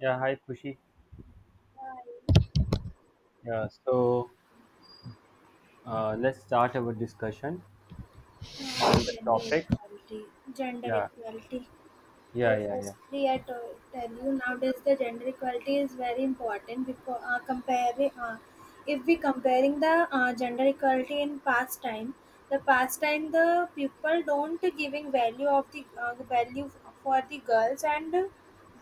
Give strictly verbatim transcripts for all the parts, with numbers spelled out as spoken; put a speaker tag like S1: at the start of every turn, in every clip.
S1: Yeah, hi Kushi.
S2: Uh,
S1: Yeah, so uh, let's start our discussion on the
S2: Gender
S1: topic.
S2: equality, gender
S1: Yeah,
S2: equality. So
S1: yeah, yeah, yeah.
S2: firstly, I to- tell you nowadays the gender equality is very important because uh, comparing, uh, if we comparing the uh, gender equality in past time, the past time the people don't giving value of the uh, value for the girls and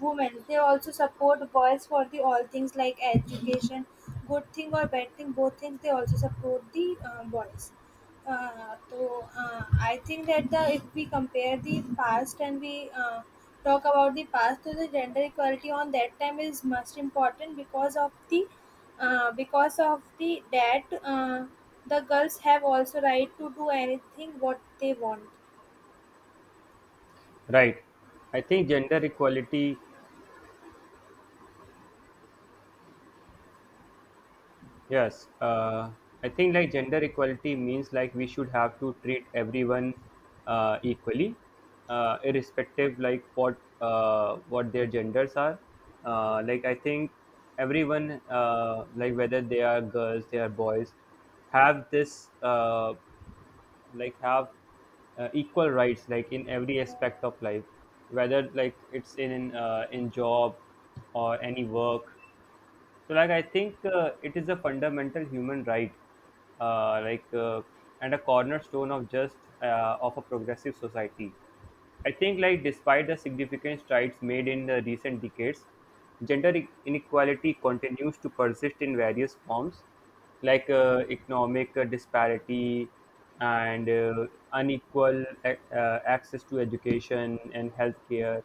S2: women. They also support boys for the all things like education, good thing or bad thing, both things they also support the uh, boys. Uh, so uh, I think that the if we compare the past and we uh, talk about the past, so the gender equality on that time is most important because of the uh, because of the that uh, the girls have also right to do anything what they want.
S1: Right. I think gender equality. Yes. Uh, I think like gender equality means like we should have to treat everyone uh, equally, uh, irrespective like what uh, what their genders are. Uh, like I think everyone uh, like whether they are girls, they are boys, have this. Uh, like have uh, equal rights like in every aspect of life whether like it's in uh, in job or any work, so like i think uh, it is a fundamental human right, uh, like uh, and a cornerstone of just uh, of a progressive society. I think like despite the significant strides made in the recent decades, gender i- inequality continues to persist in various forms, like uh, economic uh, disparity and uh, unequal ac- uh, access to education and healthcare,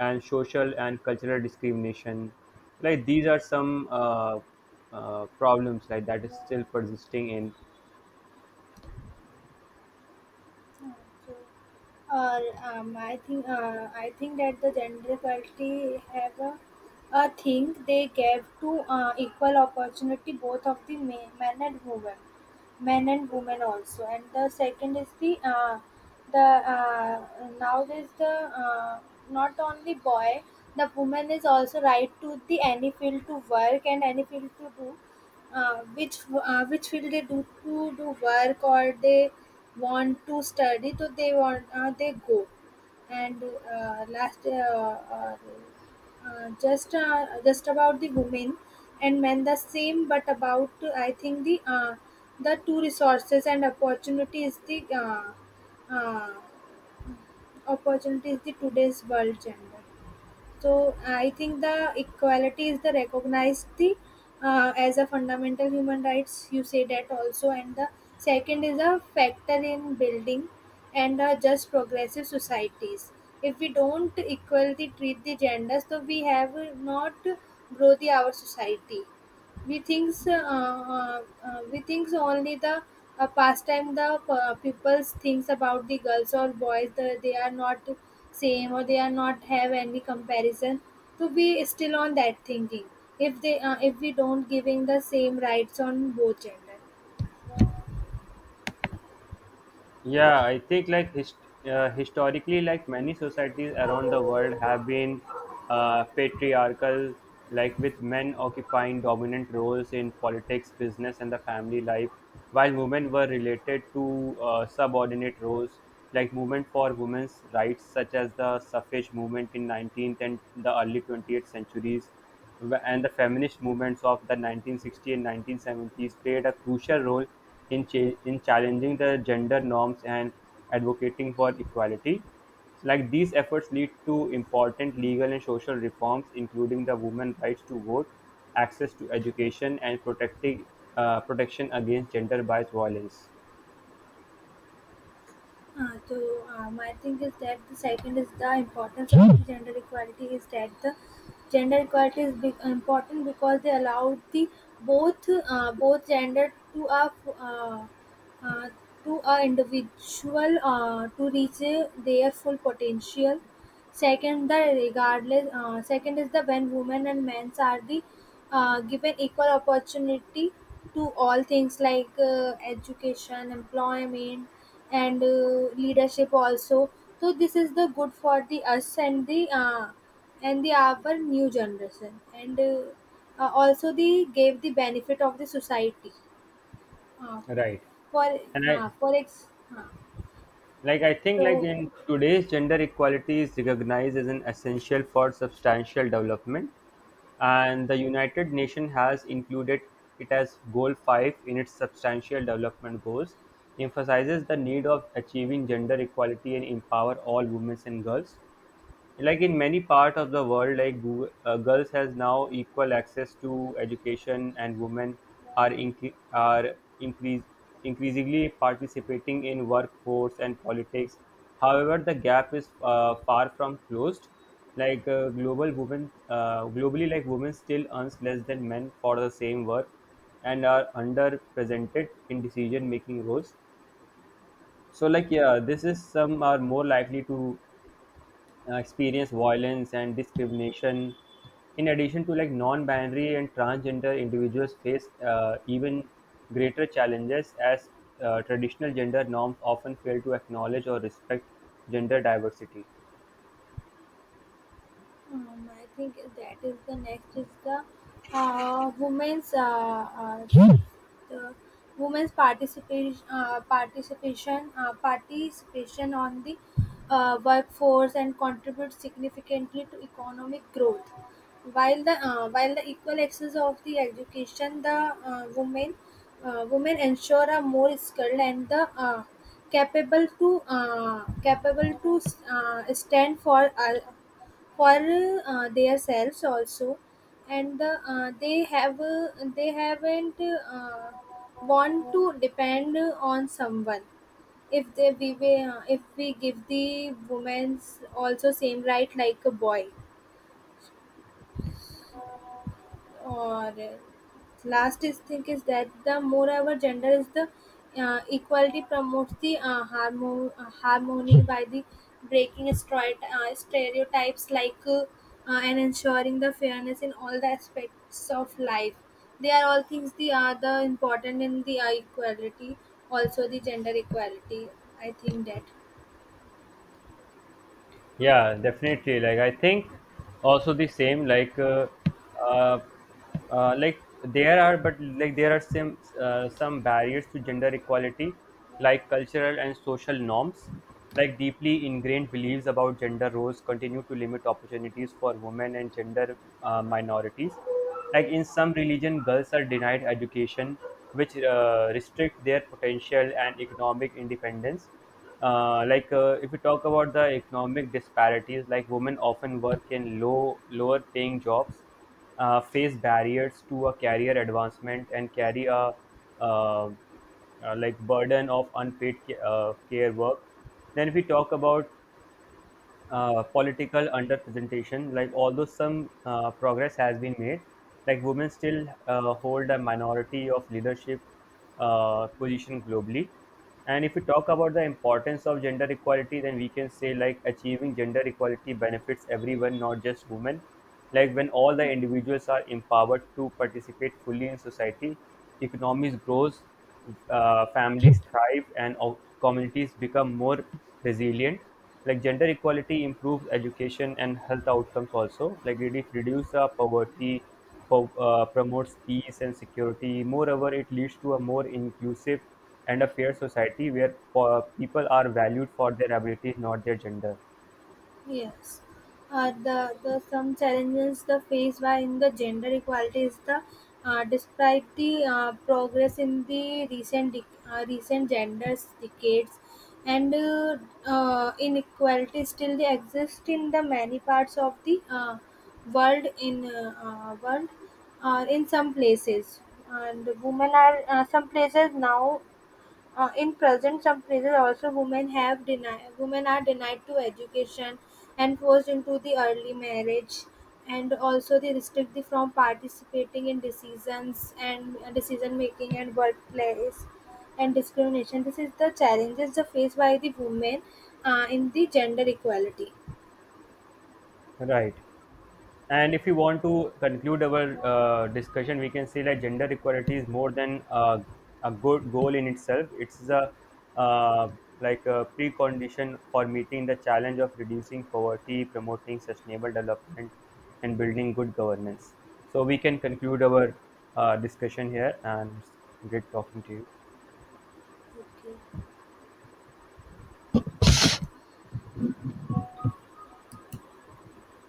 S1: and social and cultural discrimination. Like these are some uh, uh, problems like that is still persisting in.
S2: Uh, so uh, um, I think uh, I think that the gender equality have a, a thing they gave to uh, equal opportunity both of the men, men and women, men and women also. And the second is the uh, the uh, nowadays the uh, not only boy, the woman is also right to the any field to work and any field to do uh, which uh, which field they do to do work or they want to study so they want uh, they go and uh, last uh, uh, uh, just uh, just about the women and men the same but about uh, I think the uh, the two resources and opportunities the uh, uh, opportunities the today's world gender so I think the equality is the recognized the uh, as a fundamental human rights. You say that also, and the second is a factor in building and uh, just progressive societies. If we don't equally treat the genders, so we have not grow the our society we thinks uh, uh, uh, we thinks only the uh, pastime the uh, people's thinks about the girls or boys the, they are not same or they are not have any comparison to be still on that thinking if they uh, if we don't giving the same rights on both gender.
S1: Yeah, I think like hist- uh, historically, like many societies around the world have been uh, patriarchal, like with men occupying dominant roles in politics, business, and the family life, while women were related to uh, subordinate roles. Like movement for women's rights, such as the suffrage movement in nineteenth and the early twentieth centuries, and the feminist movements of the nineteen-sixties and nineteen-seventies played a crucial role in cha- in challenging the gender norms and advocating for equality. Like these efforts lead to important legal and social reforms, including the women's rights to vote, access to education, and protecting uh, protection against gender-based violence.
S2: Uh, so uh, my thing is that the second is the importance of the gender equality is that the gender equality is big, important because they allow the both uh, both gender to a uh, uh, to a individual uh, to reach uh, their full potential. Second, the regardless. Uh, second is the when women and men are the uh, given equal opportunity to all things like uh, education, employment and uh, leadership also, so this is the good for the us and the uh, and the our new generation and uh, uh, also the gave the benefit of the society. Uh,
S1: Right.
S2: for
S1: And I,
S2: uh, for ex uh,
S1: like i think like
S2: so
S1: in today's gender equality is recognized as an essential for substantial development, and the united nations has included it as goal five in its substantial development goals, emphasizes the need of achieving gender equality and empower all women and girls. Like in many part of the world, like gu- uh, girls has now equal access to education and women are incre are increase increasingly participating in workforce and politics. However, the gap is uh, far from closed. Like uh, global women uh, globally, like women still earns less than men for the same work and are underrepresented in decision making roles. So like yeah, this is some are more likely to uh, experience violence and discrimination. In addition to, like non-binary and transgender individuals face uh, even greater challenges as uh, traditional gender norms often fail to acknowledge or respect gender diversity.
S2: Um, I think that is the next is the uh, women's uh, uh, the women's participation uh, participation uh, participation on the uh, workforce and contribute significantly to economic growth. While the uh, while the equal access of the education, the uh, women uh, women ensure are more skilled and the uh, capable to uh, capable to uh, stand for. Uh, for uh, themselves also, and the, uh, they have uh, they haven't uh, want to depend on someone if they we, we, uh, if we give the women's also same right like a boy or last is thing is that the moreover gender is the uh, equality promotes the uh, harmo- uh, harmony by the breaking stroi- uh, stereotypes like uh, uh, and ensuring the fairness in all the aspects of life, they are all things the are the important in the uh, equality also the gender equality I think that.
S1: Yeah, definitely. Like I think also the same. Like uh, uh, uh, like there are, but like there are some uh, some barriers to gender equality, like cultural and social norms, like deeply ingrained beliefs about gender roles continue to limit opportunities for women and gender uh, minorities. Like in some religion, girls are denied education, which uh, restrict their potential and economic independence. Uh, like uh, if we talk about the economic disparities, like women often work in low lower paying jobs, uh, face barriers to a career advancement and carry a uh, uh, like burden of unpaid ca- uh, care work. Then if we talk about uh, political underrepresentation, like although some uh, progress has been made, like women still uh, hold a minority of leadership uh, position globally. And if we talk about the importance of gender equality, then we can say like achieving gender equality benefits everyone, not just women. Like when all the individuals are empowered to participate fully in society, economies grows, uh, families thrive, and o- communities become more resilient. Like gender equality improves education and health outcomes also, like it reduce the poverty, po- uh, promotes peace and security. Moreover, it leads to a more inclusive and a fair society where uh, people are valued for their abilities, not their gender.
S2: Yes. Uh, the, the some challenges the faced by in the gender equality is the uh, despite the uh, progress in the recent dec- uh, recent genders decades and uh, uh, inequality still they exist in the many parts of the uh, world in uh, uh, world uh, in some places and women are uh, some places now uh, in present some surprises also women have denied, women are denied to education and forced into the early marriage and also they restricted from participating in decisions and uh, decision making and workplace and discrimination. This is the challenges faced by the women uh, in the gender equality.
S1: Right. And if you want to conclude our uh, discussion, we can say that gender equality is more than uh, a good goal in itself. It's a uh, like a precondition for meeting the challenge of reducing poverty, promoting sustainable development, and building good governance. So we can conclude our uh, discussion here, and it's great talking to you.
S2: Okay.